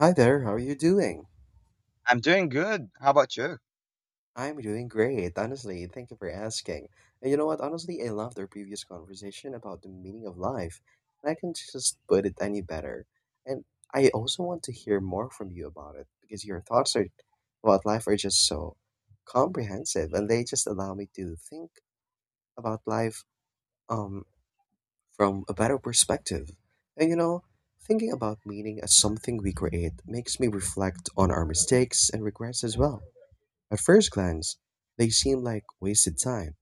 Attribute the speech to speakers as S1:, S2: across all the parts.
S1: Hi there, how are you doing?
S2: I'm doing good. How about you?
S1: I'm doing great, honestly. Thank you for asking. And you know what? Honestly, I loved our previous conversation about the meaning of life, and I can just put it any better. And I also want to hear more from you about it because your thoughts are about life are just so comprehensive, and they just allow me to think about life um from a better perspective. And you know, thinking about meaning as something we create makes me reflect on our mistakes and regrets as well. At first glance, they seem like wasted time,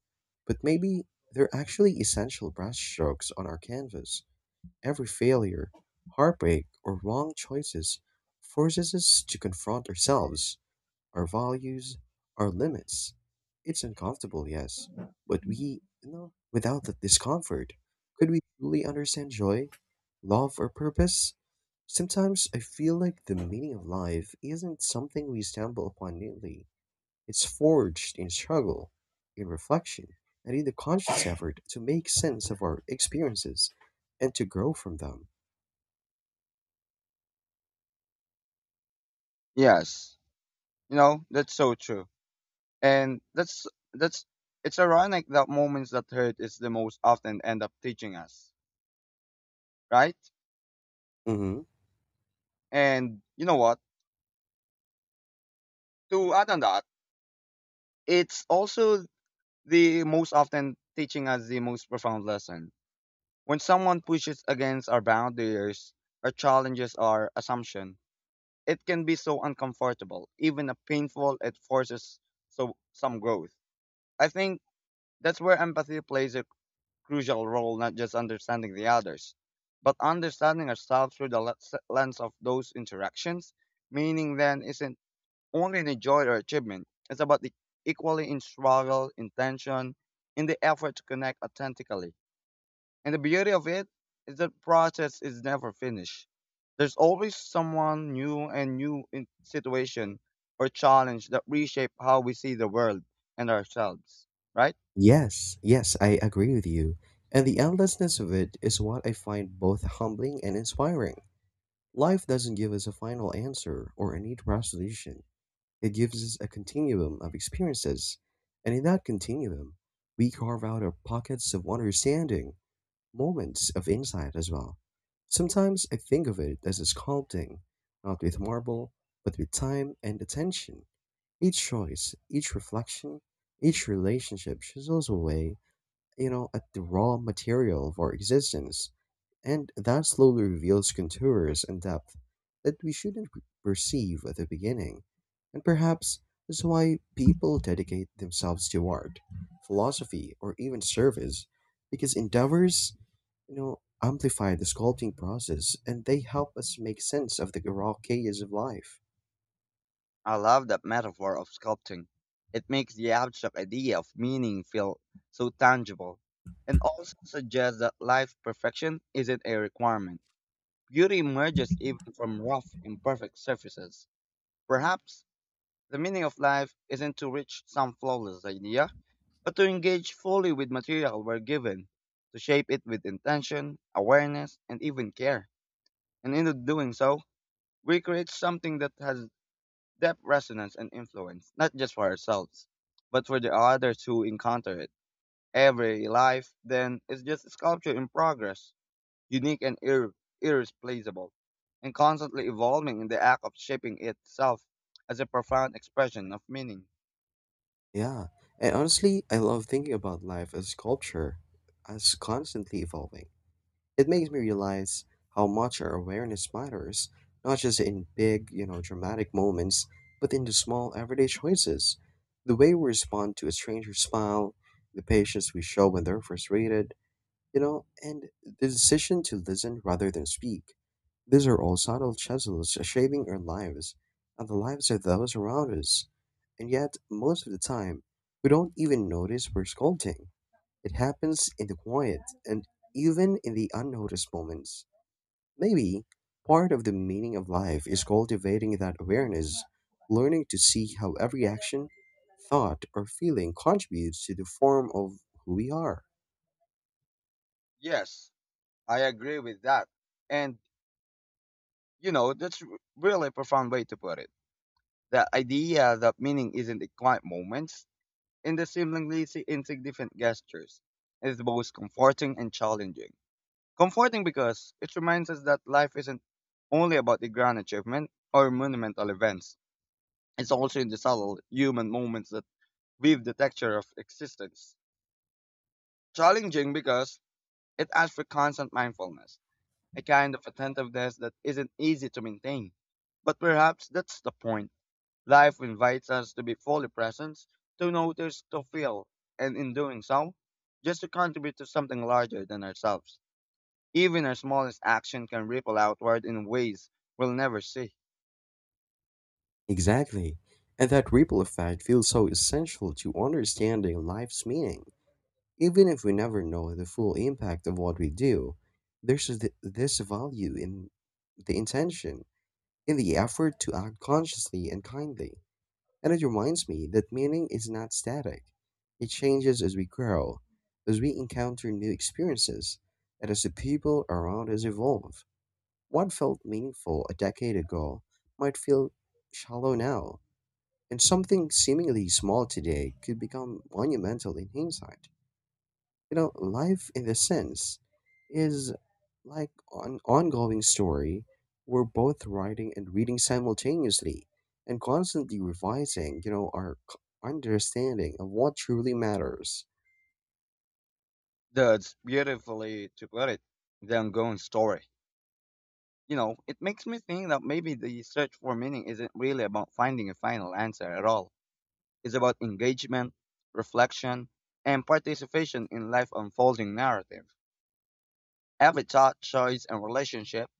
S1: but maybe they're actually essential brushstrokes on our canvas. Every failure, heartbreak, or wrong choices forces us to confront ourselves, our values, our limits. It's uncomfortable, yes, but we, you know, without that discomfort, could we truly understand joy, love, or purpose? Sometimes I feel like the meaning of life isn't something we stumble upon neatly. It's forged in struggle, in reflection, and in the conscious effort to make sense of our experiences and to grow from them.
S2: Yes. You know, that's so true. And that's it's ironic that moments that hurt is the most often end up teaching us, right?
S1: Hmm.
S2: And you know what? To add on that, it's also the most often teaching us the most profound lesson. When someone pushes against our boundaries or challenges our assumption, it can be so uncomfortable, even a painful it forces some growth. I think that's where empathy plays a crucial role not just understanding the others, but understanding ourselves through the lens of those interactions. Meaning then isn't only in the joy or achievement, it's about the equally in struggle, intention, in the effort to connect authentically. And the beauty of it is the process is never finished. There's always someone new and new in situation or challenge that reshape how we see the world and ourselves, right?
S1: Yes, yes, I agree with you. And the endlessness of it is what I find both humbling and inspiring. Life doesn't give us a final answer or a neat resolution. It gives us a continuum of experiences, and in that continuum, we carve out our pockets of understanding, moments of insight as well. Sometimes I think of it as a sculpting, not with marble, but with time and attention. Each choice, each reflection, each relationship chisels away, you know, at the raw material of our existence, and that slowly reveals contours and depth that we shouldn't perceive at the beginning. And perhaps that's why people dedicate themselves to art, philosophy, or even service, because endeavors, you know, amplify the sculpting process and they help us make sense of the raw chaos of life.
S2: I love that metaphor of sculpting. It makes the abstract idea of meaning feel so tangible and also suggests that life's perfection isn't a requirement. Beauty emerges even from rough, imperfect surfaces. Perhaps the meaning of life isn't to reach some flawless idea, but to engage fully with material we're given, to shape it with intention, awareness, and even care. And in doing so, we create something that has depth, resonance, and influence, not just for ourselves, but for the others who encounter it. Every life, then, is just a sculpture in progress, unique and irreplaceable, and constantly evolving in the act of shaping itself as a profound expression of meaning.
S1: Yeah, and honestly, I love thinking about life as sculpture, as constantly evolving. It makes me realize how much our awareness matters, not just in big, you know, dramatic moments, but in the small everyday choices. The way we respond to a stranger's smile, the patience we show when they're frustrated, you know, and the decision to listen rather than speak. These are all subtle chisels shaping our lives and the lives of those around us. And yet, most of the time, we don't even notice we're scolding. It happens in the quiet and even in the unnoticed moments. Maybe part of the meaning of life is cultivating that awareness, learning to see how every action, thought, or feeling contributes to the form of who we are.
S2: Yes, I agree with that. And, you know, that's really a profound way to put it. The idea that meaning isn't in quiet moments, in the seemingly insignificant gestures, is both comforting and challenging. Comforting because it reminds us that life isn't only about the grand achievement or monumental events. It's also in the subtle human moments that weave the texture of existence. Challenging because it asks for constant mindfulness, a kind of attentiveness that isn't easy to maintain. But perhaps that's the point. Life invites us to be fully present, to notice, to feel, and in doing so, just to contribute to something larger than ourselves. Even our smallest action can ripple outward in ways we'll never see.
S1: Exactly. And that ripple effect feels so essential to understanding life's meaning. Even if we never know the full impact of what we do, there's this value in the intention, in the effort to act consciously and kindly. And it reminds me that meaning is not static. It changes as we grow, as we encounter new experiences, and as the people around us evolve. What felt meaningful a decade ago might feel shallow now, and something seemingly small today could become monumental in hindsight. You know, life in this sense is like an ongoing story we're both writing and reading simultaneously and constantly revising, you know, our understanding of what truly matters.
S2: That's beautifully to put it, the ongoing story. You know, it makes me think that maybe the search for meaning isn't really about finding a final answer at all. It's about engagement, reflection, and participation in life unfolding narrative. Every thought, choice, and relationship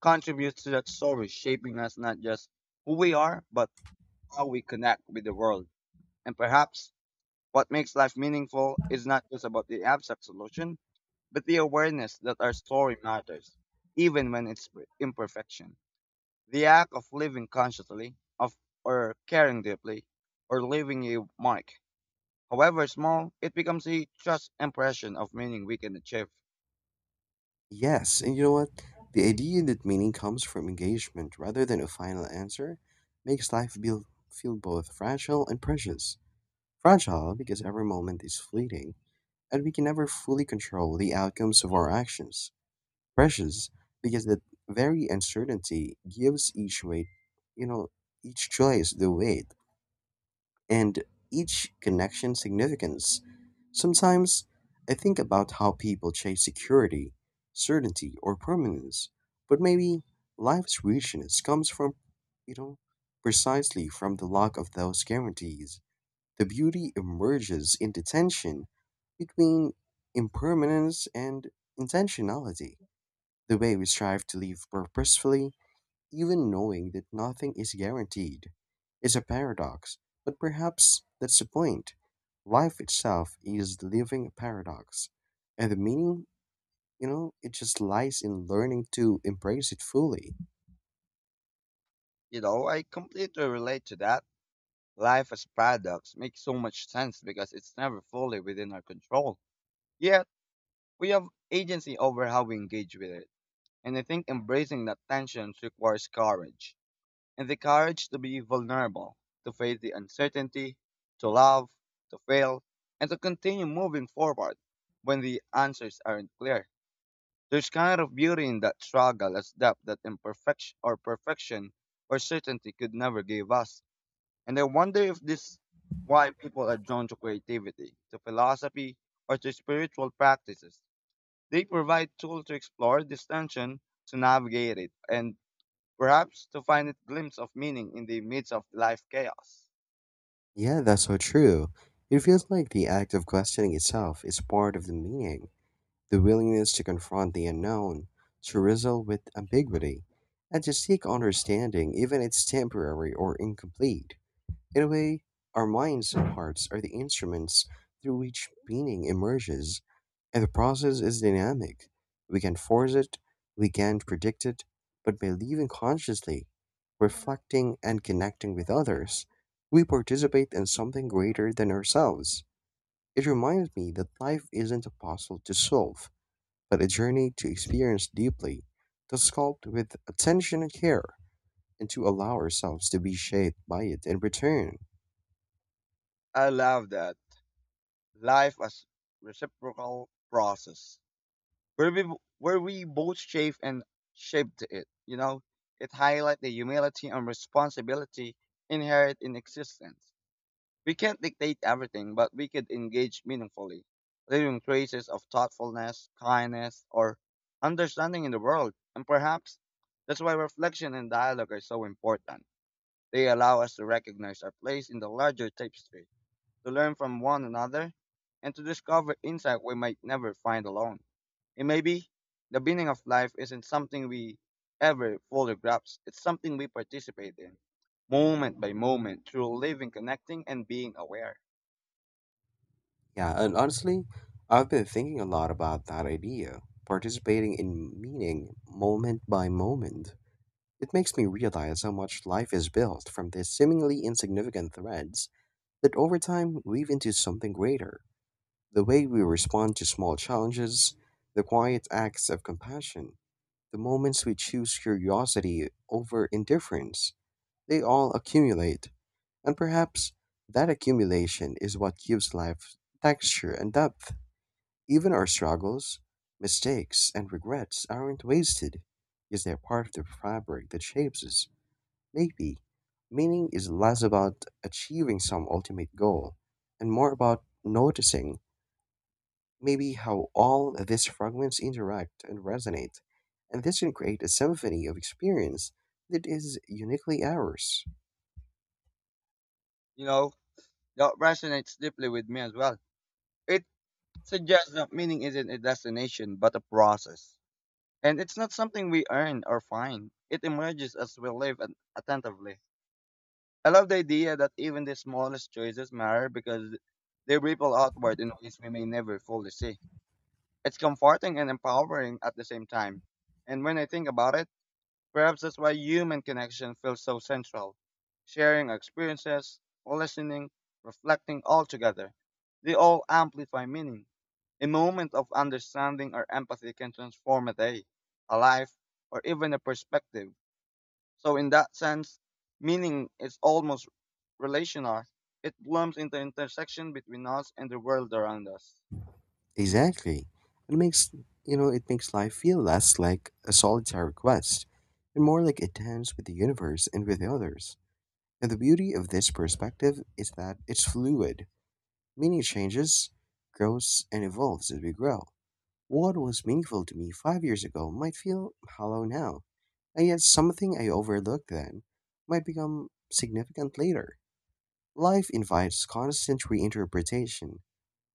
S2: contributes to that story, shaping us not just who we are, but how we connect with the world. And perhaps what makes life meaningful is not just about the abstract solution, but the awareness that our story matters, even when it's imperfection. The act of living consciously, of or caring deeply, or leaving a mark, however small, it becomes a just impression of meaning we can achieve.
S1: Yes, and you know what? The idea that meaning comes from engagement rather than a final answer makes life feel both fragile and precious. Fragile because every moment is fleeting and we can never fully control the outcomes of our actions. Precious because that very uncertainty gives each weight, you know, each choice the weight and each connection significance. Sometimes I think about how people chase security, certainty, or permanence, but maybe life's richness comes from, you know, precisely from the lack of those guarantees. The beauty emerges in the tension between impermanence and intentionality, the way we strive to live purposefully, even knowing that nothing is guaranteed. Is a paradox, but perhaps that's the point. Life itself is the living paradox, and the meaning, you know, it just lies in learning to embrace it fully.
S2: You know, I completely relate to that. Life as paradox makes so much sense because it's never fully within our control. Yet, we have agency over how we engage with it. And I think embracing that tension requires courage. And the courage to be vulnerable, to face the uncertainty, to love, to fail, and to continue moving forward when the answers aren't clear. There's kind of beauty in that struggle as depth that imperfection or perfection or certainty could never give us. And I wonder if this why people are drawn to creativity, to philosophy, or to spiritual practices. They provide tools to explore this tension to navigate it and perhaps to find a glimpse of meaning in the midst of life chaos.
S1: Yeah, that's so true. It feels like the act of questioning itself is part of the meaning. The willingness to confront the unknown, to wrestle with ambiguity, and to seek understanding, even if it's temporary or incomplete. In a way, our minds and hearts are the instruments through which meaning emerges, and the process is dynamic. We can force it, we can predict it, but by living consciously, reflecting, and connecting with others, we participate in something greater than ourselves. It reminds me that life isn't a puzzle to solve but a journey to experience deeply, to sculpt with attention and care, and to allow ourselves to be shaped by it in return.
S2: I love that. Life as reciprocal process. Where we where we both shape and shaped it, you know? It highlights the humility and responsibility inherent in existence. We can't dictate everything, but we could engage meaningfully, leaving traces of thoughtfulness, kindness, or understanding in the world. And perhaps that's why reflection and dialogue are so important. They allow us to recognize our place in the larger tapestry, to learn from one another, and to discover insight we might never find alone. It may be the meaning of life isn't something we ever fully grasp, it's something we participate in, moment by moment, through living, connecting, and being aware.
S1: Yeah, and honestly, I've been thinking a lot about that idea, participating in meaning moment by moment. It makes me realize how much life is built from these seemingly insignificant threads that over time weave into something greater. The way we respond to small challenges, the quiet acts of compassion, the moments we choose curiosity over indifference, they all accumulate, and perhaps that accumulation is what gives life texture and depth. Even our struggles, mistakes, and regrets aren't wasted, because they're part of the fabric that shapes us. Maybe meaning is less about achieving some ultimate goal and more about noticing maybe how all these fragments interact and resonate, and this can create a symphony of experience that is uniquely ours.
S2: You know, that resonates deeply with me as well. It suggests that meaning isn't a destination, but a process. And it's not something we earn or find, it emerges as we live and attentively. I love the idea that even the smallest choices matter because they ripple outward in ways we may never fully see. It's comforting and empowering at the same time. And when I think about it, perhaps that's why human connection feels so central. Sharing experiences, listening, reflecting all together. They all amplify meaning. A moment of understanding or empathy can transform a day, a life, or even a perspective. So in that sense, meaning is almost relational. It blooms in the intersection between us and the world around us.
S1: Exactly. It makes, you know, it makes life feel less like a solitary quest and more like a dance with the universe and with others. And the beauty of this perspective is that it's fluid, meaning it changes, grows, and evolves as we grow. What was meaningful to me 5 years ago might feel hollow now. And yet, something I overlooked then might become significant later. Life invites constant reinterpretation.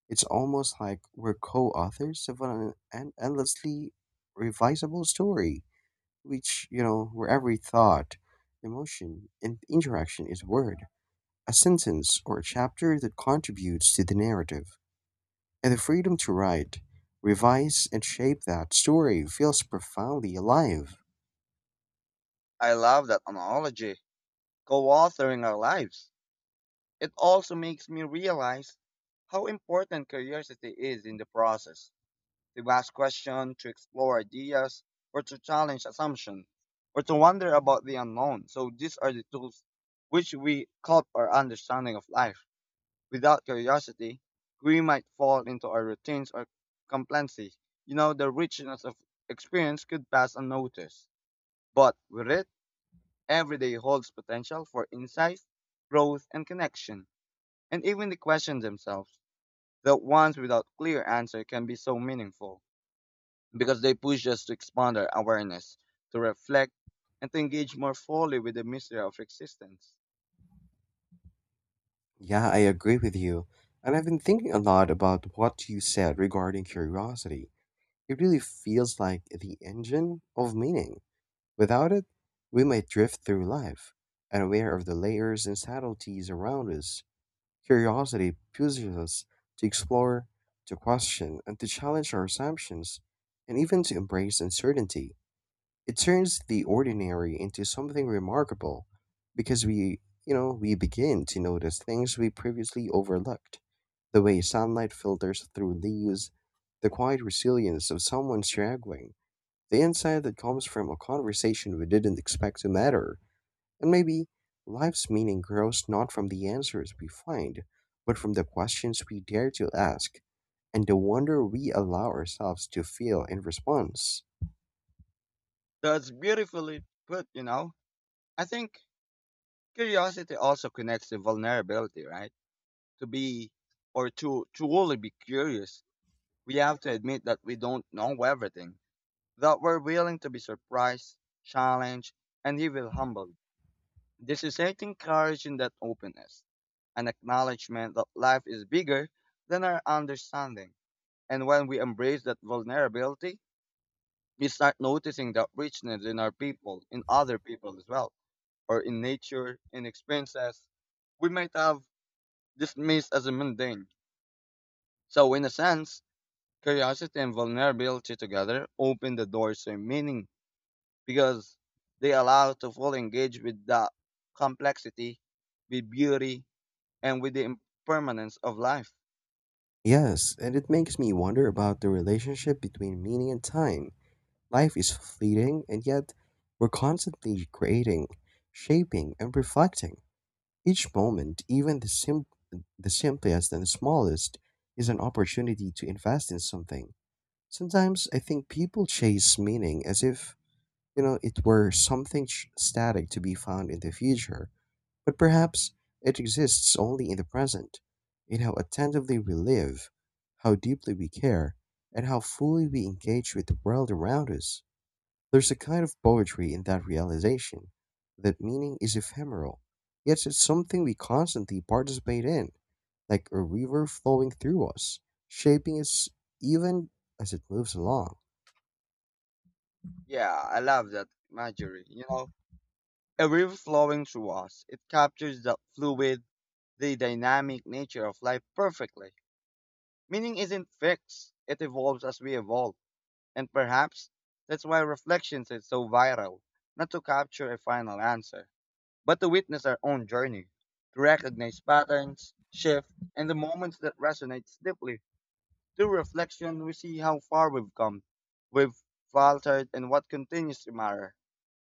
S1: It's almost like we're co authors of an endlessly revisable story, which, you know, where every thought, emotion, and interaction is a word, a sentence, or a chapter that contributes to the narrative. And the freedom to write, revise, and shape that story feels profoundly alive.
S2: I love that analogy, co-authoring our lives. It also makes me realize how important curiosity is in the process. To ask questions, to explore ideas, or to challenge assumptions, or to wonder about the unknown. So these are the tools which we help our understanding of life. Without curiosity, we might fall into our routines or complacency. You know, the richness of experience could pass unnoticed. But with it, every day holds potential for insight, growth, and connection. And even the questions themselves, the ones without clear answer, can be so meaningful because they push us to expand our awareness, to reflect, and to engage more fully with the mystery of existence.
S1: Yeah, I agree with you. And I've been thinking a lot about what you said regarding curiosity. It really feels like the engine of meaning. Without it, we might drift through life, unaware of the layers and subtleties around us. Curiosity pushes us to explore, to question, and to challenge our assumptions, and even to embrace uncertainty. It turns the ordinary into something remarkable because we begin to notice things we previously overlooked. The way sunlight filters through leaves, the quiet resilience of someone struggling, the insight that comes from a conversation we didn't expect to matter, and maybe life's meaning grows not from the answers we find, but from the questions we dare to ask and the wonder we allow ourselves to feel in response.
S2: That's beautifully put, you know. I think curiosity also connects to vulnerability, right? To be to truly be curious, we have to admit that we don't know everything, that we're willing to be surprised, challenged, and even humbled. This is certain courage in that openness, an acknowledgement that life is bigger than our understanding. And when we embrace that vulnerability, we start noticing that richness in our people, in other people as well, or in nature, in experiences we might have dismissed as mundane. So, in a sense, curiosity and vulnerability together open the doors to meaning because they allow to fully engage with the complexity, with beauty, and with the impermanence of life.
S1: Yes, and it makes me wonder about the relationship between meaning and time. Life is fleeting, and yet we're constantly creating, shaping, and reflecting. Each moment, even the the simplest and the smallest, is an opportunity to invest in something. Sometimes I think people chase meaning as if, you know, it were something static to be found in the future. But perhaps it exists only in the present, in how attentively we live, how deeply we care, and how fully we engage with the world around us. There's a kind of poetry in that realization that meaning is ephemeral, yet it's something we constantly participate in, like a river flowing through us, shaping us even as it moves along.
S2: Yeah, I love that imagery. You know, a river flowing through us, it captures the fluid, the dynamic nature of life perfectly. Meaning isn't fixed, it evolves as we evolve. And perhaps that's why reflections is so viral not to capture a final answer, but to witness our own journey, to recognize patterns, shifts, and the moments that resonates deeply. Through reflection, we see how far we've come, we've faltered, and what continues to matter.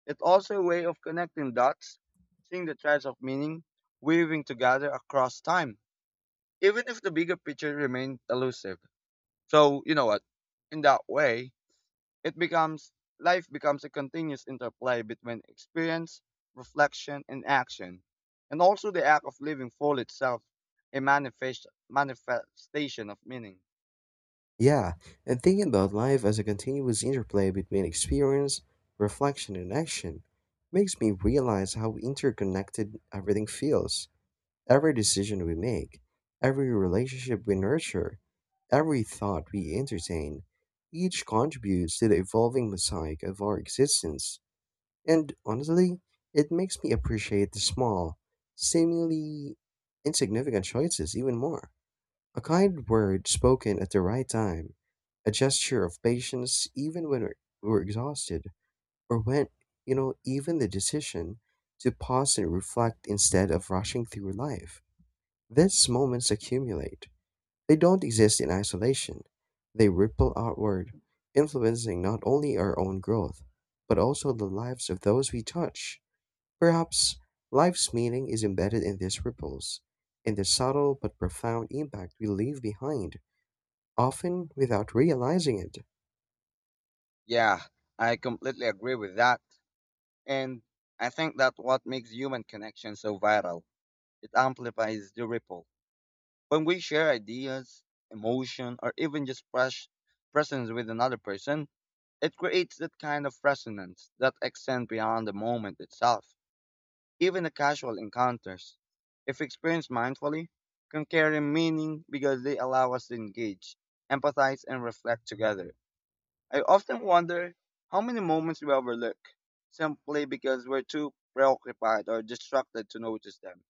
S2: It's also a way of connecting dots, seeing the threads of meaning weaving together across time, even if the bigger picture remained elusive. So, you know what? In that way, it becomes life becomes a continuous interplay between experience, reflection, and action, and also the act of living full itself, a manifestation of meaning.
S1: Yeah, and thinking about life as a continuous interplay between experience, reflection, and action makes me realize how interconnected everything feels. Every decision we make, every relationship we nurture, every thought we entertain, each contributes to the evolving mosaic of our existence. And honestly, it makes me appreciate the small, seemingly insignificant choices even more. A kind word spoken at the right time, a gesture of patience even when we're exhausted, or when, you know, even the decision to pause and reflect instead of rushing through life. These moments accumulate. They don't exist in isolation. They ripple outward, influencing not only our own growth, but also the lives of those we touch. Perhaps life's meaning is embedded in these ripples, in the subtle but profound impact we leave behind often without realizing it.
S2: Yeah, I completely agree with that. And I think that what makes human connection so viral, it amplifies the ripple. When we share ideas, emotion, or even just presence with another person, it creates that kind of resonance that extends beyond the moment itself. Even the casual encounters, if experienced mindfully, can carry meaning because they allow us to engage, empathize, and reflect together. I often wonder how many moments we overlook simply because we're too preoccupied or distracted to notice them.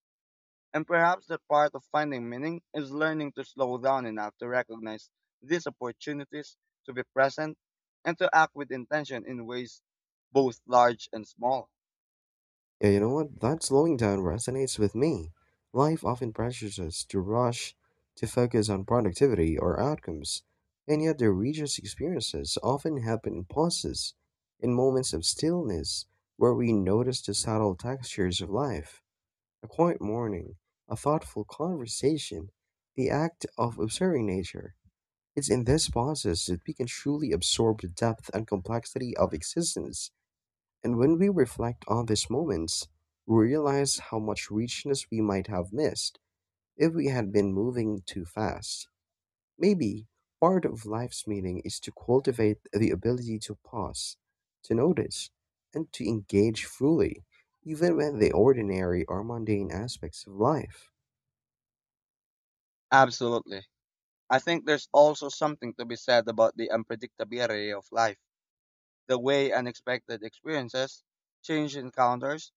S2: And perhaps the part of finding meaning is learning to slow down enough to recognize these opportunities, to be present, and to act with intention in ways both large and small.
S1: Yeah, you know what? That slowing down resonates with me. Life often pressures us to rush, to focus on productivity or outcomes, and yet the richest experiences often happen in pauses, in moments of stillness, where we notice the subtle textures of life. A quiet morning, a thoughtful conversation, the act of observing nature. It's in these pauses that we can truly absorb the depth and complexity of existence. And when we reflect on these moments, we realize how much richness we might have missed if we had been moving too fast. Maybe part of life's meaning is to cultivate the ability to pause, to notice, and to engage fully, even when the ordinary or mundane aspects of life.
S2: Absolutely. I think there's also something to be said about the unpredictability of life, the way unexpected experiences, change encounters,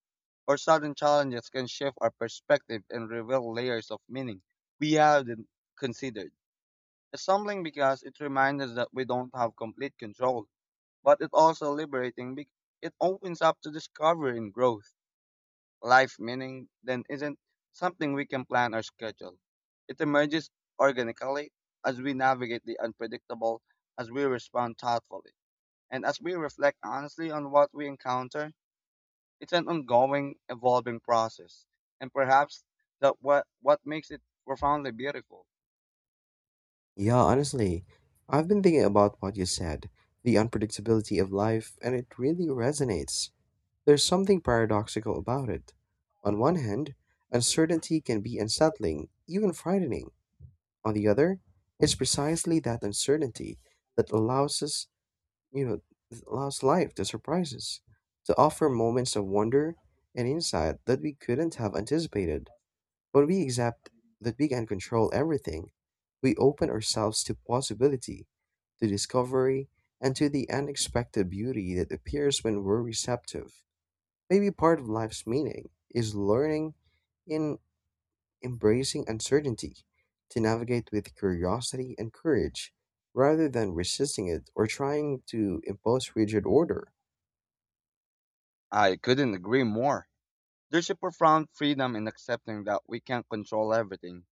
S2: or sudden challenges can shift our perspective and reveal layers of meaning we hadn't considered. It's humbling because it reminds us that we don't have complete control, but it's also liberating because it opens up to discovery and growth. Life meaning then isn't something we can plan or schedule. It emerges organically as we navigate the unpredictable, as we respond thoughtfully, and as we reflect honestly on what we encounter. It's an ongoing, evolving process, and perhaps that what makes it profoundly beautiful.
S1: Yeah, honestly, I've been thinking about what you said, the unpredictability of life, and it really resonates. There's something paradoxical about it. On one hand, uncertainty can be unsettling, even frightening. On the other, it's precisely that uncertainty that allows us, you know, that allows life to surprise us, to offer moments of wonder and insight that we couldn't have anticipated. When we accept that we can control everything, we open ourselves to possibility, to discovery, and to the unexpected beauty that appears when we're receptive. Maybe part of life's meaning is learning in embracing uncertainty to navigate with curiosity and courage rather than resisting it or trying to impose rigid order.
S2: I couldn't agree more. There's a profound freedom in accepting that we can't control everything,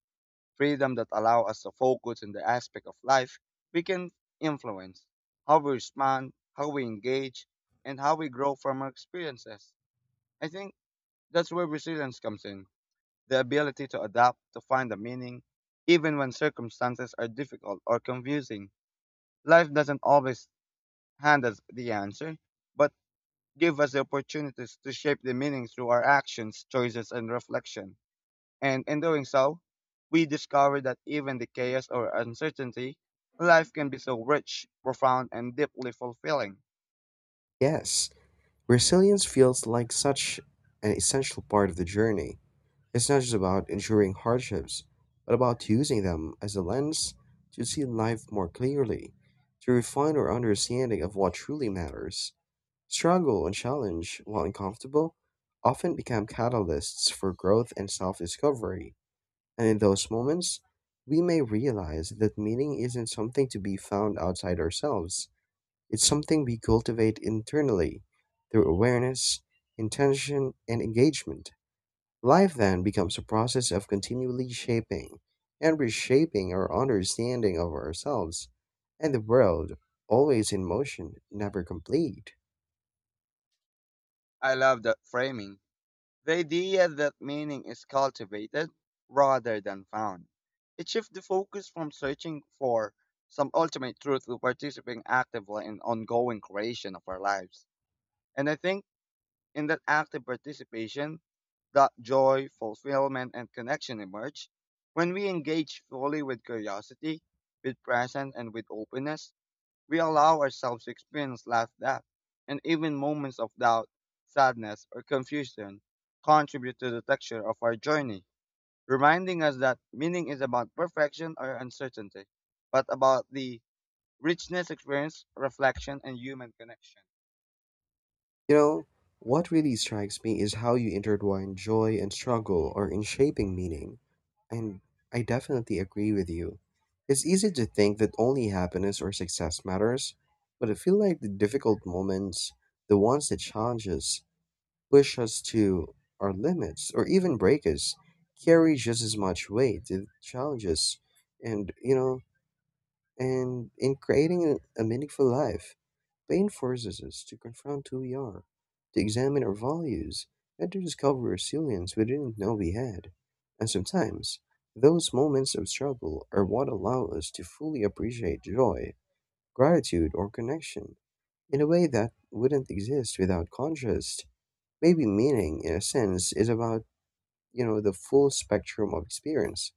S2: freedom that allow us to focus on the aspect of life we can influence, how we respond, how we engage, and how we grow from our experiences. I think that's where resilience comes in, the ability to adapt, to find a meaning, even when circumstances are difficult or confusing. Life doesn't always hand us the answer, but give us the opportunities to shape the meaning through our actions, choices, and reflection. And in doing so, we discover that even the chaos or uncertainty, life can be so rich, profound, and deeply fulfilling.
S1: Yes, resilience feels like such an essential part of the journey. It's not just about enduring hardships, but about using them as a lens to see life more clearly, to refine our understanding of what truly matters. Struggle and challenge, while uncomfortable, often become catalysts for growth and self discovery. And in those moments, we may realize that meaning isn't something to be found outside ourselves, it's something we cultivate internally through awareness, intention, and engagement. Life then becomes a process of continually shaping and reshaping our understanding of ourselves and the world, always in motion, never complete.
S2: I love that framing. The idea that meaning is cultivated rather than found. It shifts the focus from searching for some ultimate truth to participating actively in ongoing creation of our lives. And I think in that active participation, that joy, fulfillment, and connection emerge. When we engage fully with curiosity, with presence, and with openness, we allow ourselves to experience life depth, and even moments of doubt, sadness, or confusion contribute to the texture of our journey, reminding us that meaning is about perfection or uncertainty, but about the richness, experience, reflection, and human connection.
S1: You know, what really strikes me is how you intertwine joy and struggle or in shaping meaning. And I definitely agree with you. It's easy to think that only happiness or success matters, but I feel like the difficult moments, the ones that challenge us, push us to our limits, or even break us, carry just as much weight. It challenges and, you know, and in creating a meaningful life. Bain forces us to confront who we are, to examine our values, and to discover resilience we didn't know we had. And sometimes, those moments of struggle are what allow us to fully appreciate joy, gratitude, or connection in a way that wouldn't exist without contrast. Maybe meaning, in a sense, is about, you know, the full spectrum of experience,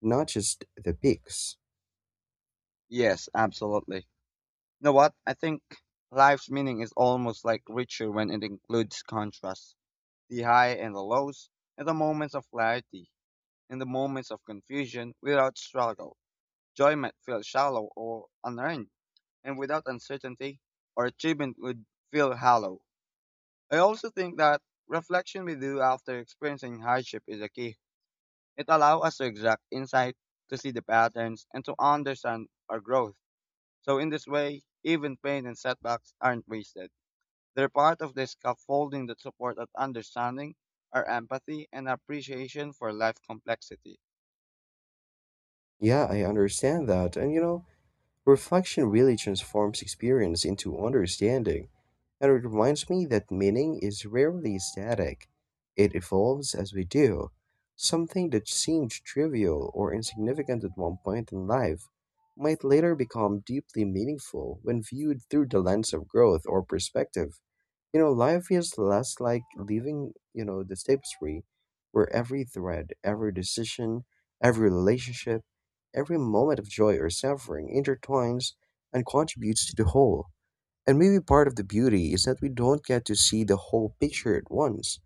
S1: not just the peaks.
S2: Yes, absolutely. You know what? I think life's meaning is almost like richer when it includes contrast, the high and the lows, and the moments of clarity, and the moments of confusion without struggle. Joy might feel shallow or unearned, and without uncertainty or achievement would feel hollow. I also think that reflection we do after experiencing hardship is a key. It allows us to exact insight, to see the patterns, and to understand our growth. So in this way, even pain and setbacks aren't wasted. They're part of the scaffolding that support our understanding, our empathy, and appreciation for life complexity.
S1: Yeah, I understand that. And, you know, reflection really transforms experience into understanding. And it reminds me that meaning is rarely static. It evolves as we do. Something that seemed trivial or insignificant at one point in life might later become deeply meaningful when viewed through the lens of growth or perspective. You know, life is less like leaving, you know, the tapestry where every thread, every decision, every relationship, every moment of joy or suffering intertwines and contributes to the whole. And maybe part of the beauty is that we don't get to see the whole picture at once.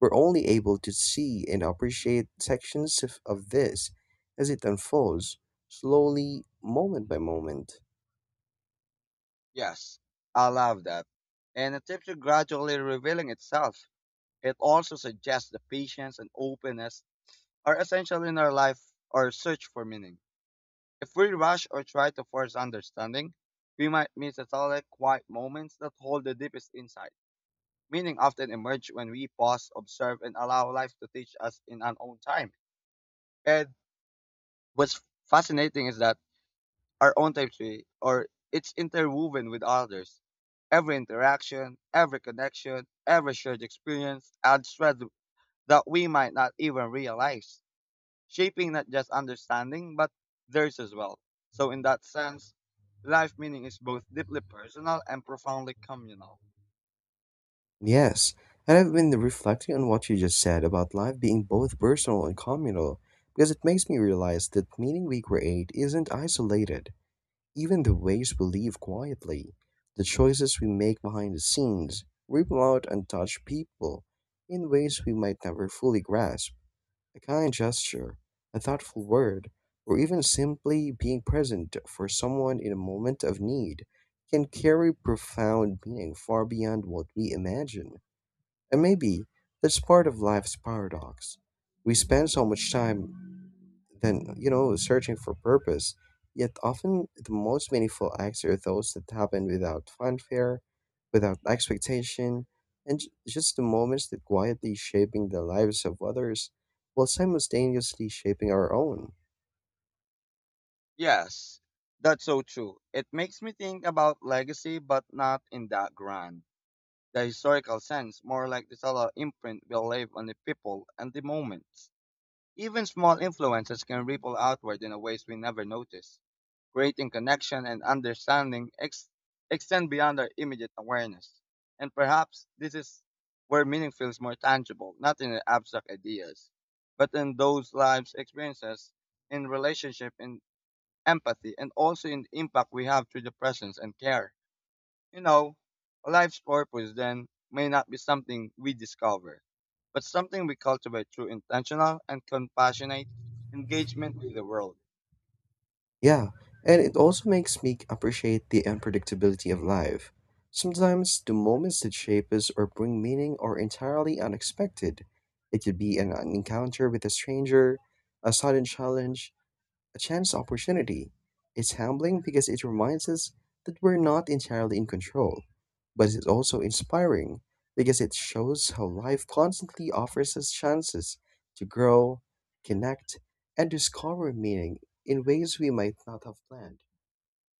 S1: We're only able to see and appreciate sections of this as it unfolds, slowly, moment by moment.
S2: Yes, I love that. And the tips are gradually revealing itself. It also suggests that patience and openness are essential in our life or search for meaning. If we rush or try to force understanding, we might miss the solid, quiet moments that hold the deepest insight. Meaning often emerge when we pause, observe, and allow life to teach us in our own time. And what's fascinating is that our own tapestry, or it's interwoven with others. Every interaction, every connection, every shared experience adds threads that we might not even realize, shaping not just understanding but theirs as well. So, in that sense, life meaning is both deeply personal and profoundly communal.
S1: Yes, and I've been reflecting on what you just said about life being both personal and communal, because it makes me realize that meaning we create isn't isolated. Even the ways we live quietly, the choices we make behind the scenes, ripple out and touch people in ways we might never fully grasp. A kind gesture, a thoughtful word, or even simply being present for someone in a moment of need can carry profound meaning far beyond what we imagine. And maybe that's part of life's paradox. We spend so much time than you know searching for purpose. Yet often the most meaningful acts are those that happen without fanfare, without expectation, and just the moments that quietly shaping the lives of others while simultaneously shaping our own.
S2: Yes, that's so true. It makes me think about legacy, but not in that grand, the historical sense, more like the subtle imprint we leave on the people and the moments. Even small influences can ripple outward in a ways we never notice, creating connection and understanding extend beyond our immediate awareness. And perhaps this is where meaning feels more tangible, not in the abstract ideas, but in those lives' experiences, in relationship, in empathy, and also in the impact we have through the presence and care. You know, a life's purpose then may not be something we discover, but something we cultivate through intentional and compassionate engagement with the world.
S1: Yeah, and it also makes me appreciate the unpredictability of life. Sometimes the moments that shape us or bring meaning are entirely unexpected. It could be an encounter with a stranger, a sudden challenge, a chance opportunity. It's humbling because it reminds us that we're not entirely in control, but it's also inspiring because it shows how life constantly offers us chances to grow, connect, and discover meaning in ways we might not have planned.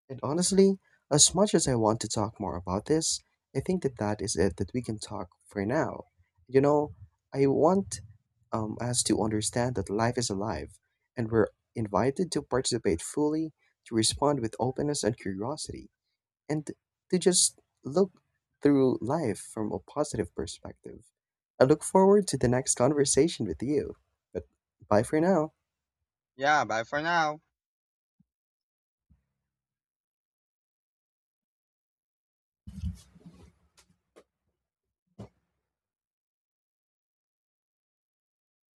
S1: And honestly, as much as I want to talk more about this, I think that is it that we can talk for now. You know, I want us to understand that life is alive, and we're invited to participate fully, to respond with openness and curiosity, and to just look through life from a positive perspective. I look forward to the next conversation with you. But bye for now.
S2: Yeah, bye for now.